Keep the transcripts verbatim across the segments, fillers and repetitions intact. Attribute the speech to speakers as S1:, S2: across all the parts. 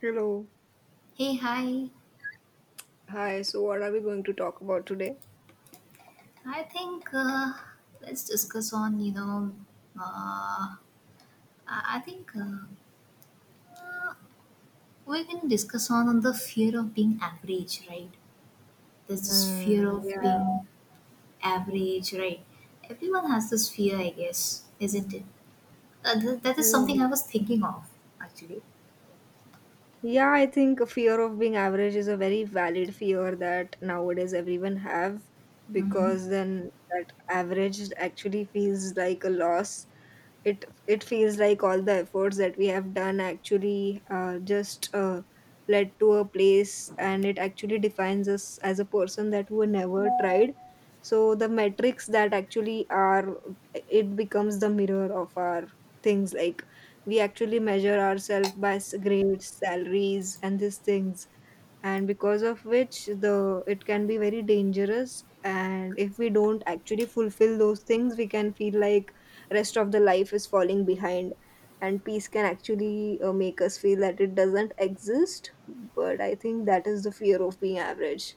S1: Hello.
S2: Hey, hi.
S1: Hi. So, what are we going to talk about today?
S2: I think uh, let's discuss on you know. Uh, I I think uh, we can discuss on on the fear of being average, right? There's this fear of
S1: Yeah.
S2: being average, right? Everyone has this fear, I guess, isn't it? Uh, th- that is
S1: Mm.
S2: something I was thinking of actually.
S1: Yeah, I think a fear of being average is a very valid fear that nowadays everyone have,
S2: Mhm.
S1: because then that average actually feels like a loss. It it feels like all the efforts that we have done actually, uh, just uh, led to a place, and it actually defines us as a person that who never tried. So the metrics that actually are, it becomes the mirror of our things. Like we actually measure ourselves by s- grades, salaries and these things, and because of which the it can be very dangerous. And if we don't actually fulfill those things, we can feel like rest of the life is falling behind, and peace can actually, uh, make us feel that it doesn't exist. But I think that is the fear of being average.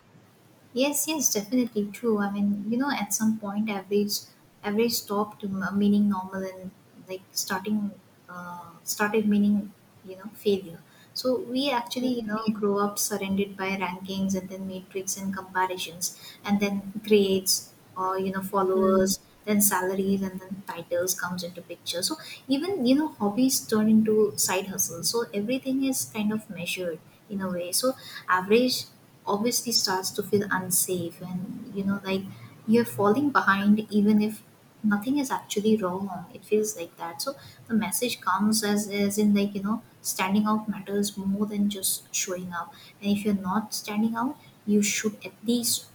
S2: Yes, yes, definitely true. I mean, you know, at some point, average, average stopped m- uh, meaning normal, and like starting, uh, started meaning, you know, failure. So we actually, you
S1: Mhm.
S2: know, grow up surrounded by rankings, and then matrix and comparisons, and then grades, or you know
S1: Mhm.
S2: followers, then salaries, and then titles comes into picture. So even you know hobbies turn into side hustles. So everything is kind of measured in a way. So average obviously starts to feel unsafe, and you know like, you're falling behind even if nothing is actually wrong. It feels like that. So the message comes as as in, like, you know standing out matters more than just showing up. And if you're not standing out, you should at least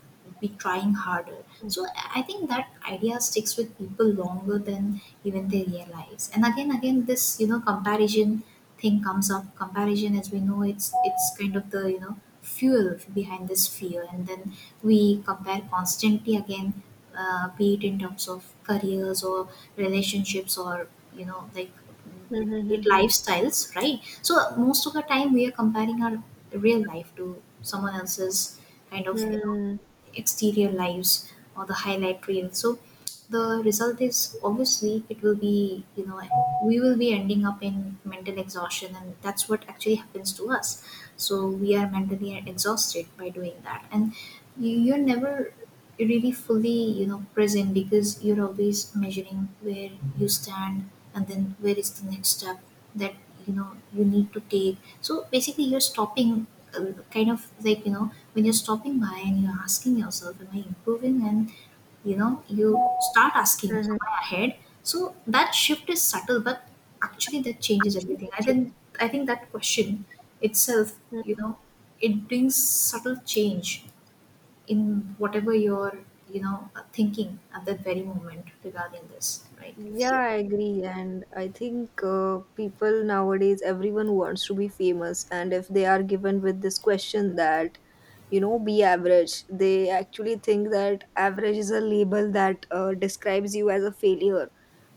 S2: be trying harder.
S1: Mhm.
S2: So I think that idea sticks with people longer than even they realize. And again, again, this you know comparison thing comes up. Comparison, as we know, it's it's kind of the you know fuel behind this fear, and then we compare constantly again, uh, be it in terms of careers, or relationships, or you know like it
S1: Mhm.
S2: lifestyles, right? So most of the time we are comparing our real life to someone else's kind of you know exterior lives, or the highlight reel. So the result is obviously it will be, you know we will be ending up in mental exhaustion, and that's what actually happens to us. So we are mentally exhausted by doing that, and you- you're never really fully you know present, because you're always measuring where you stand, and then where is the next step that you know you need to take. So basically you're stopping, uh, kind of like, you know when you're stopping by, and you're asking yourself, am I improving? And you know you
S1: Mhm.
S2: start asking, am
S1: Mhm.
S2: I ahead? So that shift is subtle, but actually that changes everything, I think. I think that question itself, you
S1: Mhm.
S2: know it brings subtle change in whatever you're you know thinking at that very moment regarding this, right?
S1: Yeah,
S2: Fear.
S1: I agree. And I think, uh, people nowadays, everyone wants to be famous. And if they are given with this question that, you know, be average, they actually think that average is a label that, uh, describes you as a failure.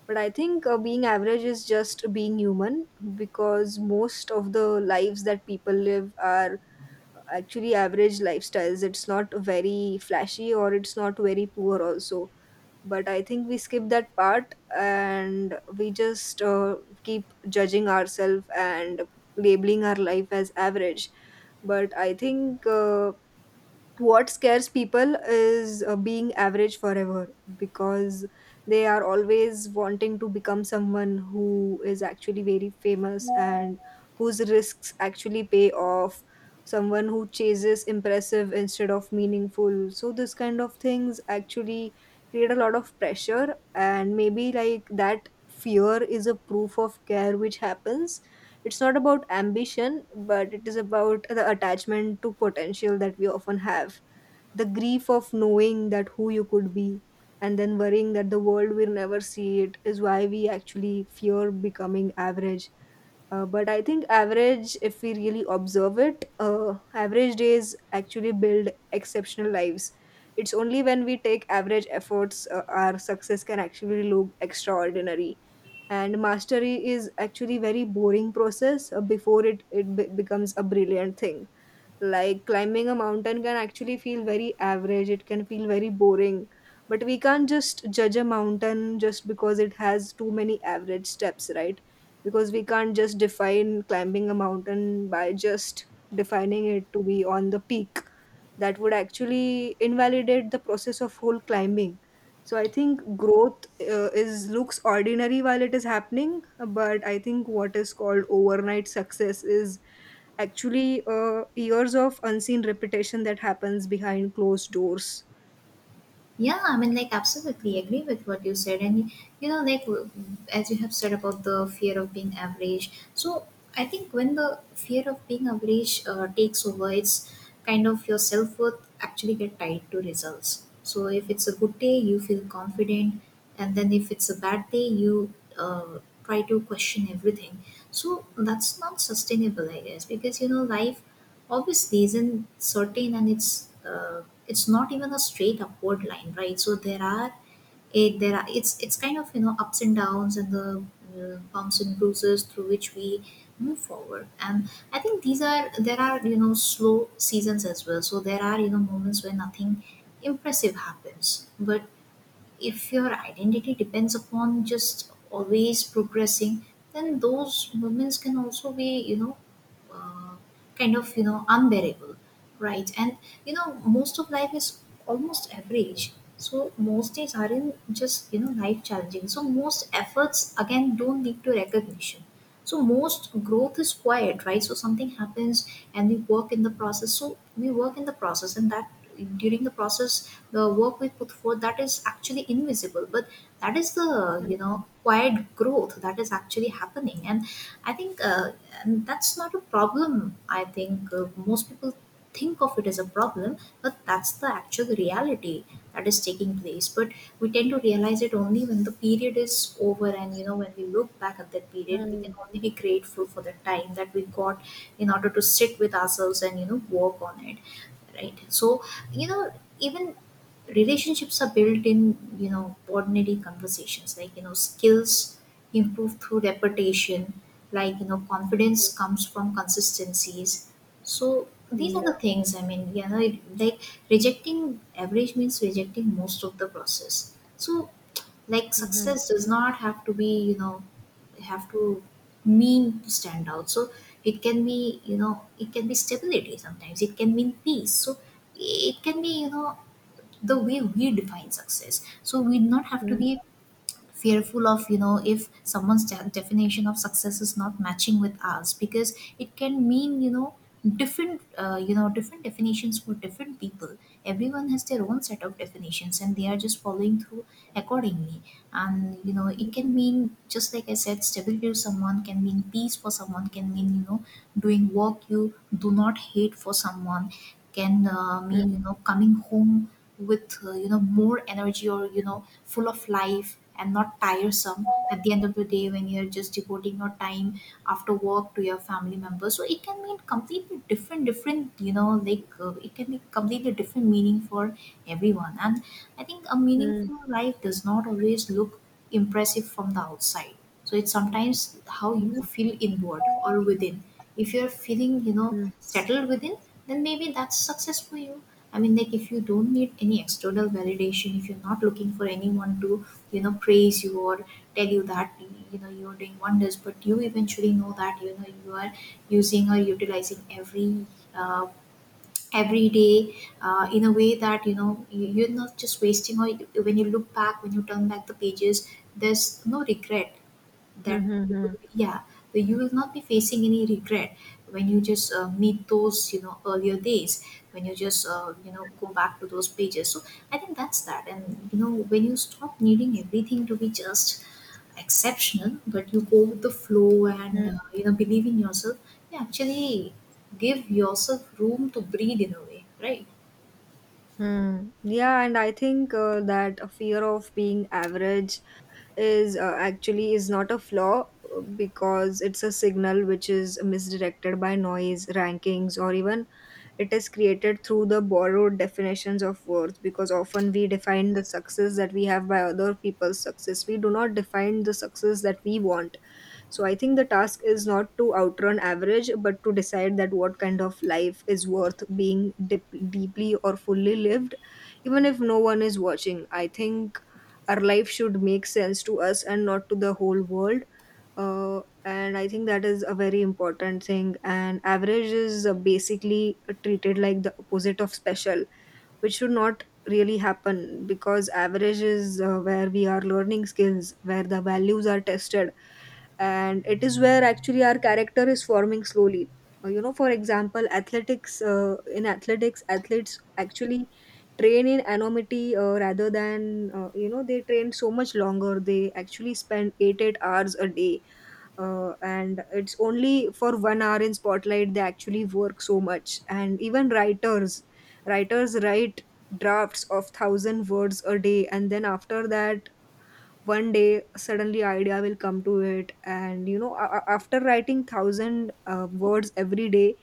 S1: But I think uh, being average is just being human, because most of the lives that people live are actually average lifestyles. It's not very flashy, or it's not very poor also. But I think we skip that part, and we just, uh, keep judging ourselves and labeling our life as average. But I think, uh, what scares people is, uh, being average forever, because they are always wanting to become someone who is actually very famous and whose risks actually pay off, someone who chases impressive instead of meaningful. So this kind of things actually create a lot of pressure, and maybe like that fear is a proof of care which happens. It's not about ambition, but it is about the attachment to potential that we often have, the grief of knowing that who you could be and then worrying that the world will never see it is why we actually fear becoming average. Uh, but I think average, if we really observe it, uh, average days actually build exceptional lives. It's only when we take average efforts, uh, our success can actually look extraordinary. And mastery is actually very boring process, uh, before it it be- becomes a brilliant thing. Like climbing a mountain can actually feel very average, it can feel very boring. But we can't just judge a mountain just because it has too many average steps, right? Because we can't just define climbing a mountain by just defining it to be on the peak. That would actually invalidate the process of whole climbing. So I think growth uh, is looks ordinary while it is happening, but I think what is called overnight success is actually, uh, years of unseen repetition that happens behind closed doors.
S2: Yeah, I mean, like, absolutely agree with what you said. And, you know, like, w- as you have said about the fear of being average. So, I think when the fear of being average uh, takes over, it's kind of your self worth actually get tied to results. So, if it's a good day, you feel confident. And then if it's a bad day, you uh, try to question everything. So, that's not sustainable, I guess, because, you know, life obviously isn't certain, and it's uh, it's not even a straight upward line, right? So there are it there are it's it's kind of, you know ups and downs, and the uh, bumps and bruises through which we move forward. And I think these are there are you know slow seasons as well. So there are, you know moments where nothing impressive happens, but if your identity depends upon just always progressing, then those moments can also be, you know, uh, kind of, you know, unbearable, right? And, you know, most of life is almost average. So most days aren't just, you know, life challenging. So most efforts, again, don't lead to recognition. So most growth is quiet, right? So something happens, and we work in the process. So we work in the process, and that during the process the work we put forth, that is actually invisible, but that is the you know quiet growth that is actually happening. And I think, uh, and that's not a problem. I think, uh, most people think of it as a problem, but that's the actual reality that is taking place. But we tend to realize it only when the period is over, and you know when we look back at that period, we can only be grateful for the time that we got in order to sit with ourselves and you know work on it, right? So, you know even relationships are built in, you know ordinary conversations, like, you know skills improve through repetition, like, you know confidence comes from consistencies. So these are
S1: Yeah.
S2: the things. I mean, you know it, like, rejecting average means rejecting most of the process. So, like,
S1: Mhm.
S2: success does not have to be you know have to mean to stand out. So it can be you know it can be stability sometimes, it can mean peace. So it can be, you know the way we define success. So we do not have to
S1: Mhm.
S2: be fearful of, you know if someone's de- definition of success is not matching with ours, because it can mean, you know different uh, you know different definitions for different people. Everyone has their own set of definitions, and they are just following through accordingly. And you know it can mean, just like I said, stability to someone, can mean peace for someone, can mean, you know doing work you do not hate for someone, can uh,
S1: Mhm.
S2: mean, you know coming home with uh, you know more energy, or you know full of life, and not tiresome at the end of the day, when you're just devoting your time after work to your family members. So it can mean completely different different, you know like, uh, it can be completely different meaning for everyone. And I think a
S1: Mhm.
S2: meaningful life does not always look impressive from the outside. So it's sometimes how you feel inward or within. If you're feeling you know settled within, then maybe that's success for you. I mean, like, if you don't need any external validation, if you're not looking for anyone to, you know, praise you, or tell you that, you know, you're doing wonders, but you eventually know that, you know, you are using or utilizing every, uh, every day uh, in a way that, you know, you- you're not just wasting, or when you look back, when you turn back the pages, there's no regret that you
S1: Mhm.
S2: will- yeah that you will not be facing any regret when you just uh, meet those you know earlier days, when you just uh, you know go back to those pages. So I think that's that. And you know when you stop needing everything to be just exceptional, but you go with the flow, and uh, you know believe in yourself, you actually give yourself room to breathe in a way, right?
S1: Mhm. Yeah, and I think, uh, that a fear of being average is, uh, actually is not a flaw, uh, because it's a signal which is misdirected by noise, rankings, or even it is created through the borrowed definitions of worth. Because often we define the success that we have by other people's success, we do not define the success that we want. So I think the task is not to outrun average, but to decide that what kind of life is worth being dip- deeply or fully lived, even if no one is watching. I think our life should make sense to us and not to the whole world. Uh, and I think that is a very important thing. And average is, uh, basically treated like the opposite of special, which should not really happen, because average is, uh, where we are learning skills, where the values are tested, and it is where actually our character is forming slowly. Uh, you know, for example, athletics, uh, in athletics, athletes actually train in anonymity, uh, rather than uh, you know, they train so much longer. They actually spend 8 8 hours a day, uh, and it's only for one hour in spotlight they actually work so much. And even writers, writers write drafts of thousand words a day. And then after that, one day suddenly idea will come to it. And you know, a- a- after writing thousand, uh, words every day,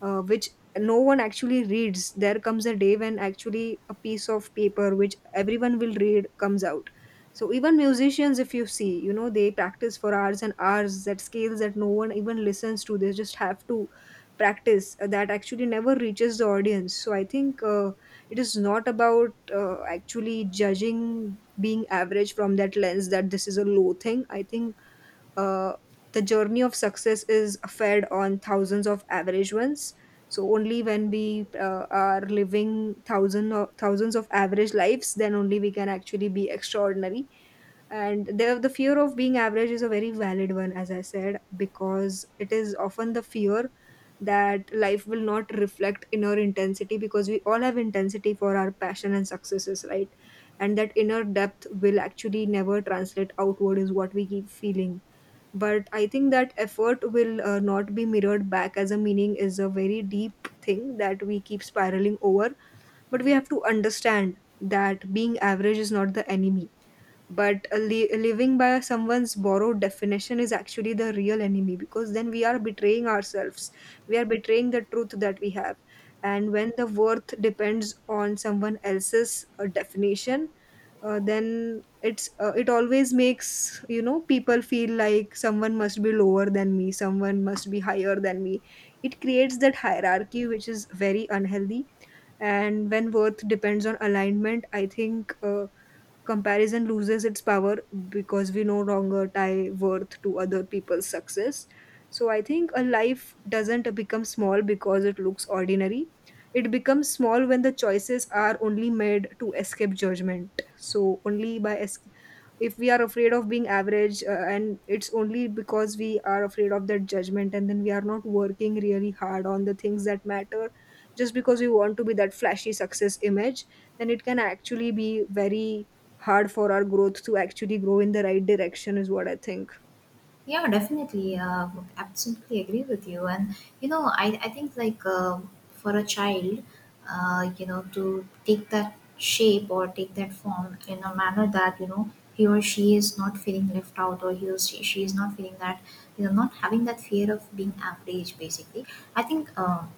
S1: uh, which no one actually reads, there comes a day when actually a piece of paper which everyone will read comes out. So even musicians, if you see, you know, they practice for hours and hours, that scales that no one even listens to, they just have to practice, uh, that actually never reaches the audience. So I think, uh, it is not about, uh, actually judging being average from that lens, that this is a low thing. I think, uh, the journey of success is fed on thousands of average ones. So only when we, uh, are living thousands of thousands of average lives, then only we can actually be extraordinary. And the, the fear of being average is a very valid one, as I said, because it is often the fear that life will not reflect inner intensity, because we all have intensity for our passion and successes, right? And that inner depth will actually never translate outward is what we keep feeling. But I think that effort will, uh, not be mirrored back as a meaning, is a very deep thing that we keep spiraling over. But we have to understand that being average is not the enemy, but a li- living by someone's borrowed definition is actually the real enemy, because then we are betraying ourselves, we are betraying the truth that we have. And when the worth depends on someone else's, uh, definition, uh, then it's uh, it always makes, you know, people feel like someone must be lower than me, someone must be higher than me. It creates that hierarchy which is very unhealthy. And when worth depends on alignment, I think, uh, comparison loses its power, because we no longer tie worth to other people's success. So I think a life doesn't become small because it looks ordinary. It becomes small when the choices are only made to escape judgment. So only by, es- if we are afraid of being average, uh, and it's only because we are afraid of that judgment, and then we are not working really hard on the things that matter, just because we want to be that flashy success image, then it can actually be very hard for our growth to actually grow in the right direction, is what I think.
S2: Yeah, definitely. Uh, would absolutely agree with you. And, you know, I, I think, like, uh, for a child, uh, you know, to take that shape or take that form in a manner that, you know, he or she is not feeling left out, or he or she, she is not feeling that, you know, not having that fear of being average, basically. I think um,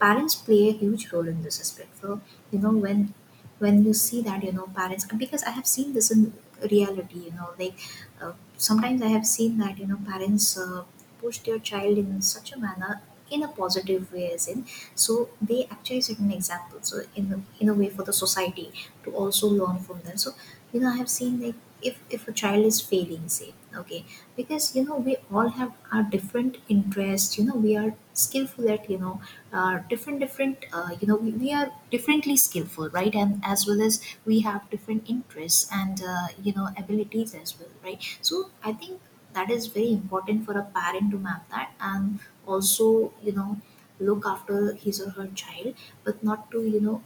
S2: parents play a huge role in this aspect. So you know when when you see that you know parents, because I have seen this in reality, you know like, uh, sometimes I have seen that you know parents uh, push their child in such a manner, in a positive way, as in, so they actually set an example, so in a, in a way for the society to also learn from them. So you know I have seen, like, if if a child is failing, say, okay, because you know we all have our different interests, you know we are skillful at, you know uh, different different, uh, you know we, we are differently skillful, right, and as well as we have different interests and uh, you know abilities as well, right? So I think that is very important for a parent to map that, and also you know look after his or her child, but not to you know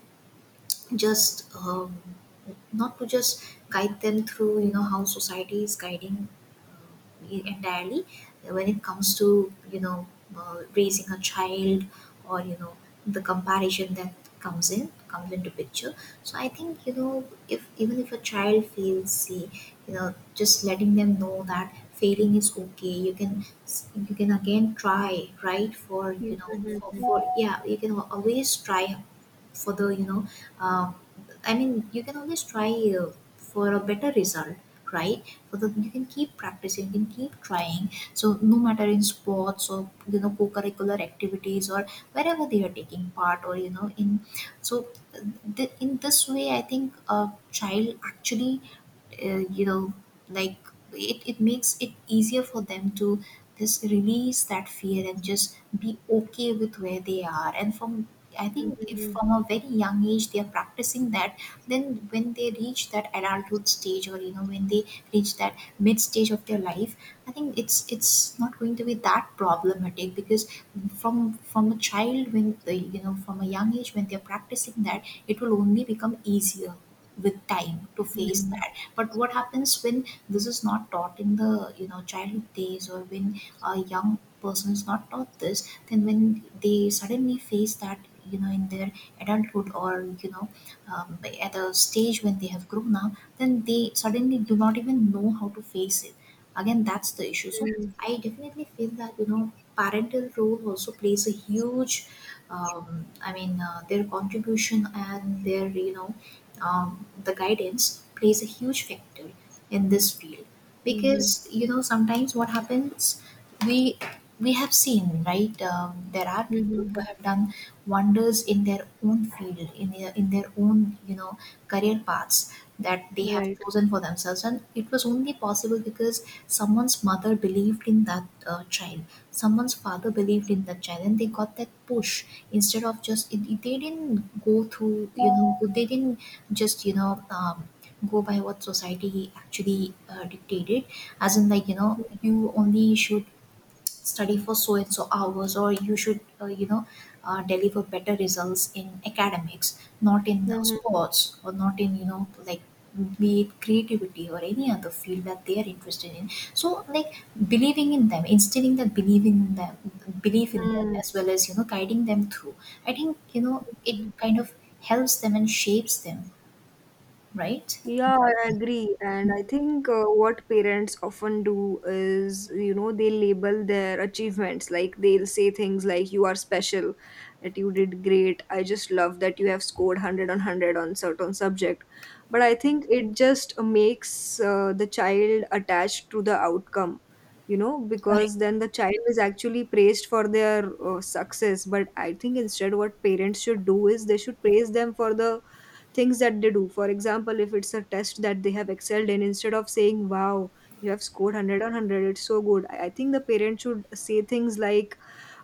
S2: just um, not to just guide them through you know how society is guiding, uh, e- entirely, when it comes to you know uh, raising a child, or you know the comparison that comes in comes into picture. So I think you know if, even if a child fails, say, you know just letting them know that failing is okay. You can you can again try, right? For you know for, for yeah, you can always try for the, you know um, I mean, you can always try uh, for a better result, right? For the you can keep practicing, you can keep trying. So no matter in sports or you know co-curricular activities or wherever they are taking part, or you know in so uh, th- in this way, I think a child actually, uh, you know like, it, it makes it easier for them to just release that fear and just be okay with where they are. And from I think if from a very young age they are practicing that, then when they reach that adulthood stage, or you know, when they reach that mid stage of their life, I think it's it's not going to be that problematic, because from from a child when the, you know from a young age when they're practicing that, it will only become easier with time to face that. But what happens when this is not taught in the you know childhood days, or when uh, young persons not taught this, then when they suddenly face that, you know in their adulthood, or you know um, at a stage when they have grown up, then they suddenly do not even know how to face it. Again, that's the issue. So I definitely feel that, you know parental role also plays a huge, um, I mean, uh, their contribution and their, you know um, the guidance plays a huge factor in this field. Because, you know sometimes what happens, we we have seen, right? Um, there are people who
S1: Mm-hmm.
S2: have done wonders in their own field, in their, in their own, you know career paths that they have
S1: Right.
S2: chosen for themselves, and it was only possible because someone's mother believed in that, uh, child. Someone's father believed in that child, and they got that push, instead of just it, it- they didn't go through, you know they didn't just, you know um, go by what society actually, uh, dictated. As in, like, you know you only should study for so and so hours, or you should, uh, you know uh, deliver better results in academics, not in, uh, sports, or not in, you know like, be it creativity or any other field that they are interested in. So like, believing in them, instilling that believing in them, belief in them,
S1: Mm-hmm.
S2: as well as, you know guiding them through. I think, you know it kind of helps them and shapes them, right?
S1: Yeah, I agree. And I think, uh, what parents often do is, you know, they label their achievements. Like they'll say things like, you are special, that you did great. I just love that you have scored a hundred on a hundred on certain subject. But I think it just makes, uh, the child attached to the outcome, you know,
S2: Correct.
S1: because then the child is actually praised for their, uh, success. But I think instead, what parents should do is they should praise them for the things that they do. For example, if it's a test that they have excelled in, instead of saying, wow, you have scored a hundred on a hundred, it's so good. I, I think the parent should say things like,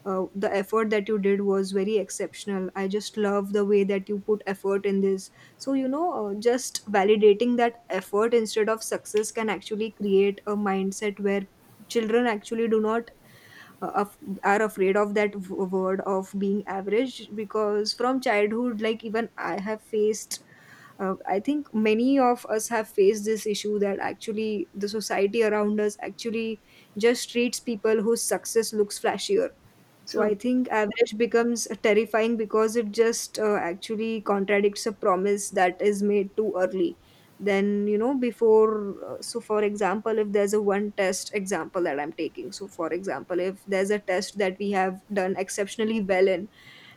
S1: uh, the effort that you did was very exceptional. I just love the way that you put effort in this. So, you know, uh, just validating that effort instead of success can actually create a mindset where children actually do not uh, af- are afraid of that w- word of being average. Because from childhood, like, even I have faced, uh, I think many of us have faced this issue that actually the society around us actually just treats people whose success looks flashier. So
S2: True.
S1: I think average becomes terrifying because it just uh, actually contradicts a promise that is made too early. Then, you know, before uh, so for example, if there's a one test example that I'm taking so for example if there's a test that we have done exceptionally well in,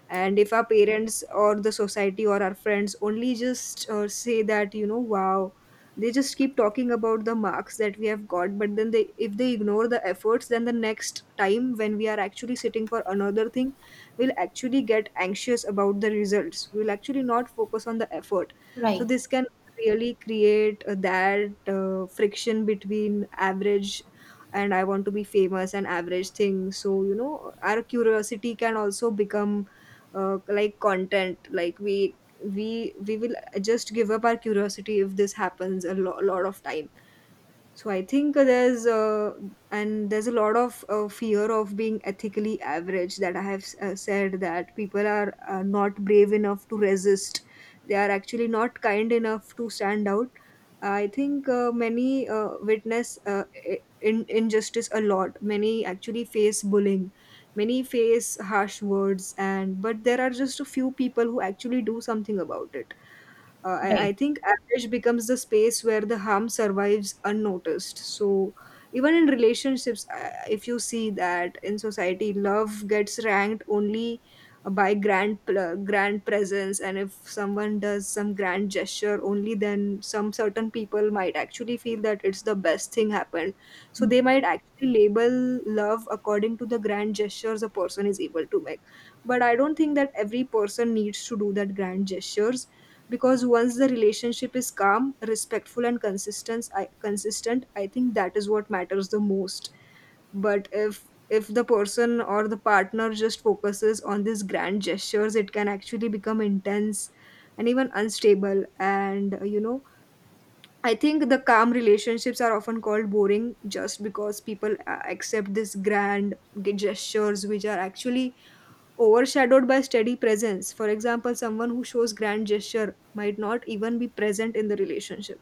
S1: and if our parents or the society or our friends only just uh, say that, you know, wow, they just keep talking about the marks that we have got, but then they, if they ignore the efforts, then the next time when we are actually sitting for another thing, we'll actually get anxious about the results, we'll actually not focus on the effort. So
S2: Right.
S1: this can really create uh, that uh, friction between average and I want to be famous and average thing. So, you know, our curiosity can also become uh, like content, like we we we will just give up our curiosity if this happens a lo- lot of time. So I think there's uh, and there's a lot of uh, fear of being ethically average that I have uh, said, that people are uh, not brave enough to resist. They are actually not kind enough to stand out. I think uh, many uh, witness uh, i- in injustice a lot. Many actually face bullying. Many face harsh words, and but there are just a few people who actually do something about it. uh, I, I
S2: Right.
S1: think average becomes the space where the harm survives unnoticed. So, even in relationships, uh, if you see that in society, love gets ranked only uh, by grand pl- grand presence. And if someone does some grand gesture, only then some certain people might actually feel that it's the best thing happened. So they might actually label love according to the grand gestures a person is able to make. But I don't think that every person needs to do that grand gestures, because once the relationship is calm, respectful, and consistent, I, consistent I think that is what matters the most. But if if the person or the partner just focuses on these grand gestures, it can actually become intense and even unstable. And, uh, you know, I think the calm relationships are often called boring just because people uh, accept these grand g- gestures, which are actually overshadowed by steady presence. For example, someone who shows grand gesture might not even be present in the relationship.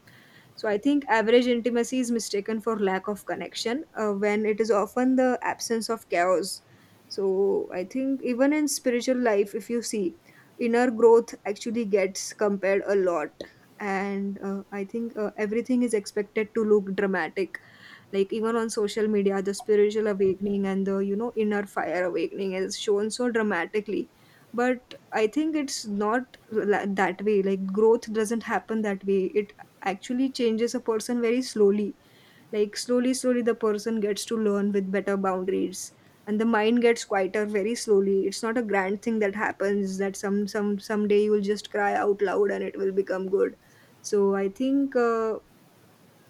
S1: So I think average intimacy is mistaken for lack of connection uh, when it is often the absence of chaos. So I think even in spiritual life, if you see, inner growth actually gets compared a lot. And uh, I think uh, everything is expected to look dramatic, like even on social media, the spiritual awakening and the, you know, inner fire awakening is shown so dramatically. But I think it's not la- that way. Like, growth doesn't happen that way. It actually changes a person very slowly. Like, slowly slowly the person gets to learn with better boundaries, and the mind gets quieter very slowly. It's not a grand thing that happens, that some some someday you will just cry out loud and it will become good. So I think uh,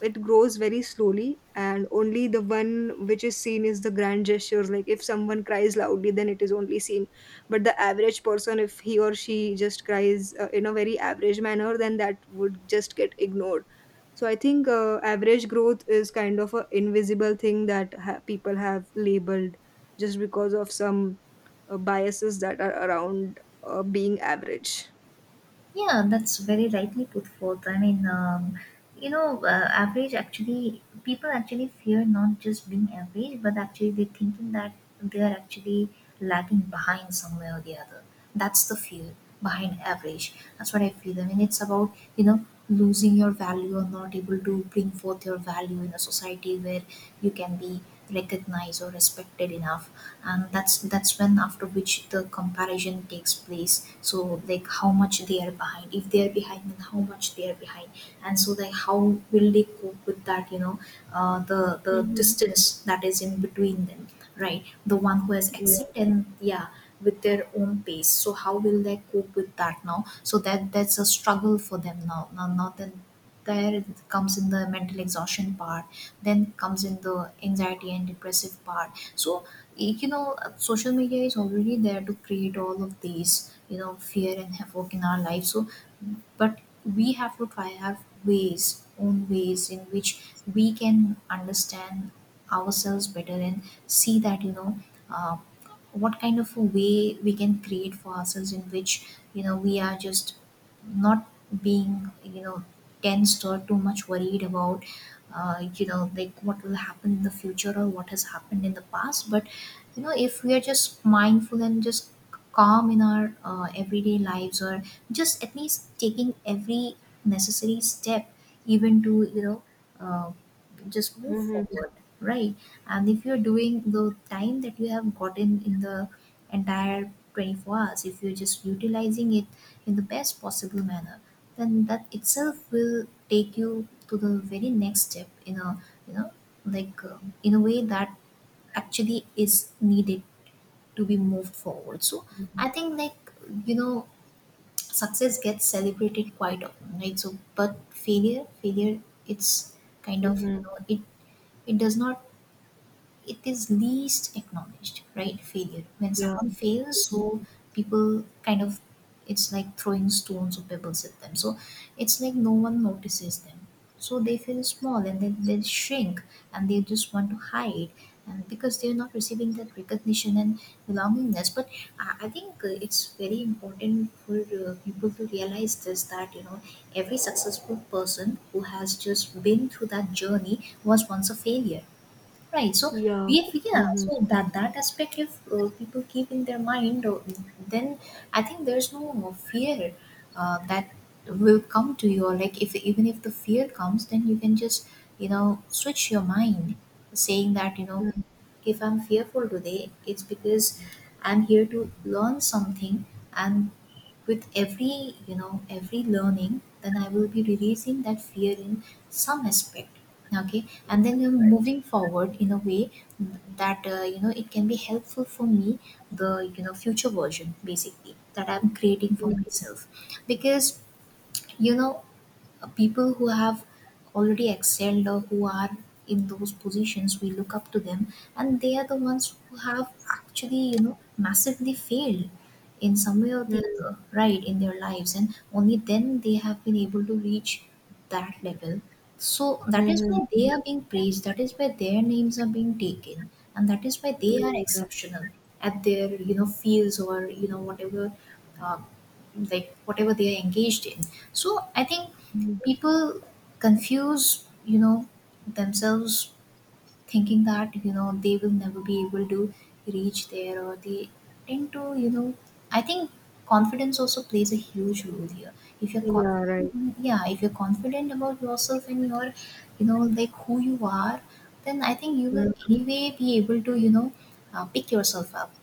S1: it grows very slowly, and only the one which is seen is the grand gestures. Like, if someone cries loudly, then it is only seen, but the average person, if he or she just cries uh, in a very average manner, then that would just get ignored. So I think uh, average growth is kind of an invisible thing that ha- people have labeled just because of some uh, biases that are around uh, being average.
S2: Yeah, that's very rightly put forth. I mean, um, you know, uh, average, actually, people actually fear not just being average, but actually they're thinking that they're actually lagging behind somewhere or the other. That's the fear behind average. That's what I feel. I mean, it's about, you know, losing your value or not able to bring forth your value in a society where you can be recognized or respected enough. And that's that's when, after which the comparison takes place. So like, how much they are behind. If they are behind, then how much they are behind. And so like, how will they cope with that, you know uh, the the
S1: Mm-hmm.
S2: distance that is in between them? Right. The one who has accepted, yeah, with their own pace. So how will they cope with that now? So that, that's a struggle for them now, now, now then there it comes in the mental exhaustion part. Then comes in the anxiety and depressive part. So, y- you know uh, social media is already there to create all of these, you know fear and havoc in our life. So, but we have to try our ways, own ways in which we can understand ourselves better and see that, you know uh, what kind of a way we can create for ourselves, in which, you know we are just not being, you know tensed or too much worried about, uh, you know like what will happen in the future or what has happened in the past. But, you know if we are just mindful and just calm in our, uh, everyday lives, or just at least taking every necessary step, even to, you know uh, just move
S1: Mm-hmm.
S2: forward, right? And if you're doing the time that you have gotten in the entire twenty-four hours, if you're just utilizing it in the best possible manner, then that itself will take you to the very next step, in a, you know like, um, in a way that actually is needed to be moved forward. So I think, like, you know success gets celebrated quite often, right? So but failure, failure, it's kind of, you
S1: Mm-hmm.
S2: know it, it does not, it is least acknowledged, right? Failure. When
S1: Yeah.
S2: someone fails, so people kind of, it's like throwing stones or pebbles at them. So it's like no one notices them. So they feel small, and then they shrink, and they just want to hide, and because they're not receiving that recognition and belongingness. But I, I think, uh, it's very important for, uh, people to realize this, that, you know, every successful person who has just been through that journey was once a failure. Right? So
S1: Yeah.
S2: we, if, yeah,
S1: Mm-hmm.
S2: so that that aspect, if, uh, people keep in their mind, uh, then I think there's no fear, uh, that will come to you. Or like, if even if the fear comes, then you can just, you know switch your mind, saying that, you know if I'm fearful today, it's because I'm here to learn something, and with every, you know every learning, then I will be releasing that fear in some aspect. Okay, and then you're moving forward in a way that, uh, you know it can be helpful for me, the, you know future version, basically, that I'm creating for myself. Because, you know uh, people who have already excelled, or who are in those positions, we look up to them, and they are the ones who have actually, you know massively failed in some way or the other, right, in their lives, and only then they have been able to reach that level. So that is
S1: Mhm.
S2: why they are being praised, that is why their names are being taken, and that is why they are
S1: Yeah.
S2: exceptional at their, you know fields, or, you know whatever, uh, like whatever they are engaged in. So I think
S1: Mm.
S2: people confuse, you know themselves, thinking that, you know they will never be able to reach there, or they tend to, you know I think confidence also plays a huge role here. If you're
S1: Yeah, right.
S2: confident, yeah, if you're confident about yourself and your, you know like who you are, then I think you will
S1: Mm.
S2: anyway be able to, you know uh, pick yourself up.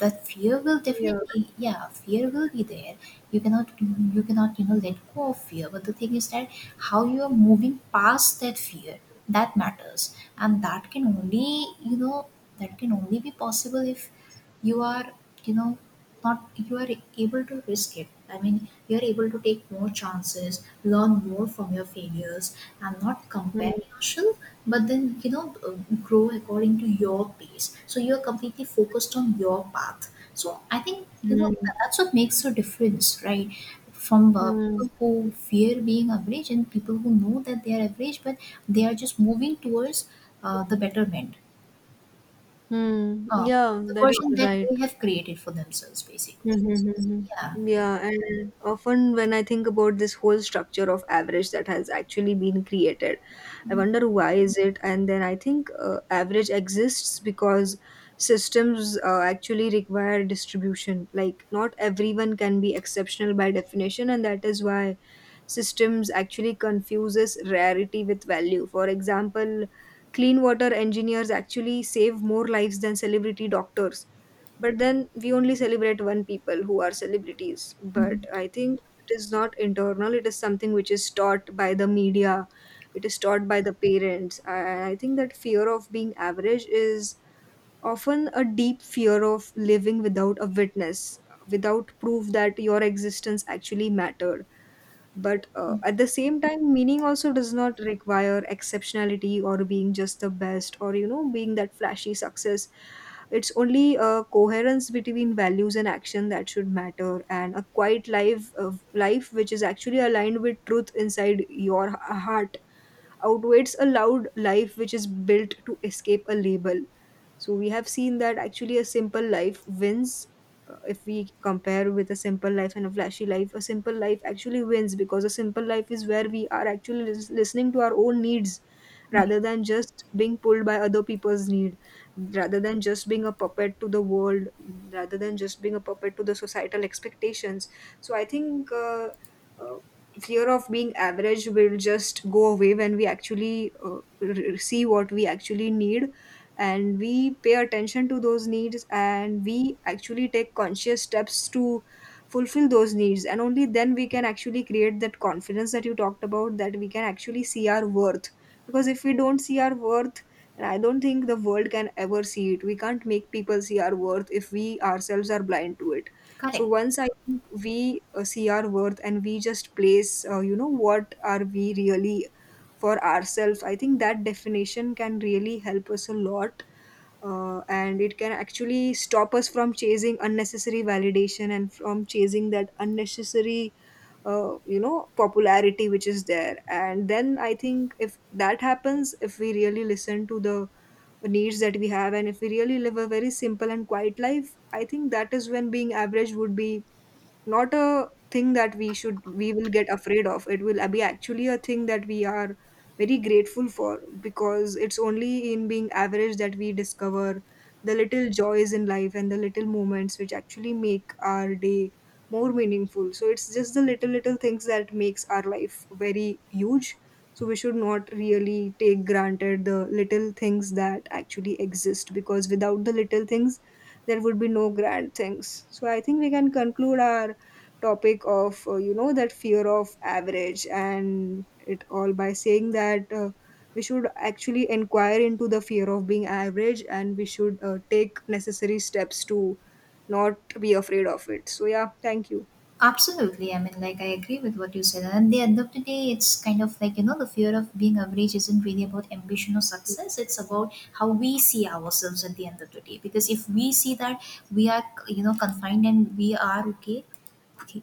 S2: The fear will
S1: Yeah.
S2: definitely, yeah, fear will be there. You cannot, you cannot you know let go of fear, but the thing is that how you are moving past that fear, that matters. And that can only, you know that can only be possible if you are, you know not, you are able to risk it. I mean, you are able to take more chances, learn more from your failures, and not compare
S1: Mm.
S2: yourself, but then, you know uh, grow according to your pace, so you are completely focused on your path. So I think, you know
S1: Mm.
S2: tha- that's what makes a difference, right? From, uh, people
S1: Mm.
S2: who fear being average, and people who know that they are average, but they are just moving towards, uh, the betterment.
S1: Mm.
S2: Oh,
S1: Yeah,
S2: the
S1: that
S2: version
S1: is
S2: that
S1: right.
S2: they have created for themselves, basically.
S1: Mm-hmm.
S2: Yeah.
S1: Mm-hmm. Yeah, and often when I think about this whole structure of average that has actually been created, I wonder, why is it? And then I think uh, average exists because systems uh, actually require distribution. Like, not everyone can be exceptional by definition, and that is why systems actually confuses rarity with value. For example, clean water engineers actually save more lives than celebrity doctors, but then we only celebrate one people who are celebrities. But
S2: Mhm.
S1: I think it is not internal, it is something which is taught by the media, it is taught by the parents. i, I think that fear of being average is often a deep fear of living without a witness, without proof that your existence actually mattered. But uh, at the same time, meaning also does not require exceptionality or being just the best, or, you know, being that flashy success. It's only a coherence between values and action that should matter, and a quiet life of life which is actually aligned with truth inside your h- heart outweighs a loud life which is built to escape a label. So we have seen that actually a simple life wins. uh, If we compare with a simple life and a flashy life, a simple life actually wins because a simple life is where we are actually lis- listening to our own needs,
S2: Right.
S1: rather than just being pulled by other people's need, rather than just being a puppet to the world, rather than just being a puppet to the societal expectations. So I think uh, uh, fear of being average will just go away when we actually uh, r- r- see what we actually need, and we pay attention to those needs, and we actually take conscious steps to fulfill those needs. And only then we can actually create that confidence that you talked about, that we can actually see our worth. Because if we don't see our worth, and I don't think the world can ever see it, we can't make people see our worth if we ourselves are blind to it. So
S2: Correct.
S1: once, I think, we uh, see our worth, and we just place, uh, you know, what are we really, for ourselves, I think that definition can really help us a lot. Uh, and it can actually stop us from chasing unnecessary validation, and from chasing that unnecessary uh, you know, popularity which is there. And then I think if that happens, if we really listen to the needs that we have, and if we really live a very simple and quiet life, I think that is when being average would be not a thing that we should, we will get afraid of. It will be actually a thing that we are very grateful for, because it's only in being average that we discover the little joys in life and the little moments which actually make our day more meaningful. So it's just the little little things that makes our life very huge. So we should not really take granted the little things that actually exist, because without the little things there would be no grand things. So I think we can conclude our topic of, uh, you know, that fear of average and it all by saying that, uh, we should actually inquire into the fear of being average, and we should uh, take necessary steps to not be afraid of it. So yeah, thank you.
S2: Absolutely. I mean, like, I agree with what you said. And at the end of the day, it's kind of like, you know, the fear of being average isn't really about ambition or success. It's about how we see ourselves at the end of the day. Because if we see that we are, you know, confined, and we are okay, okay,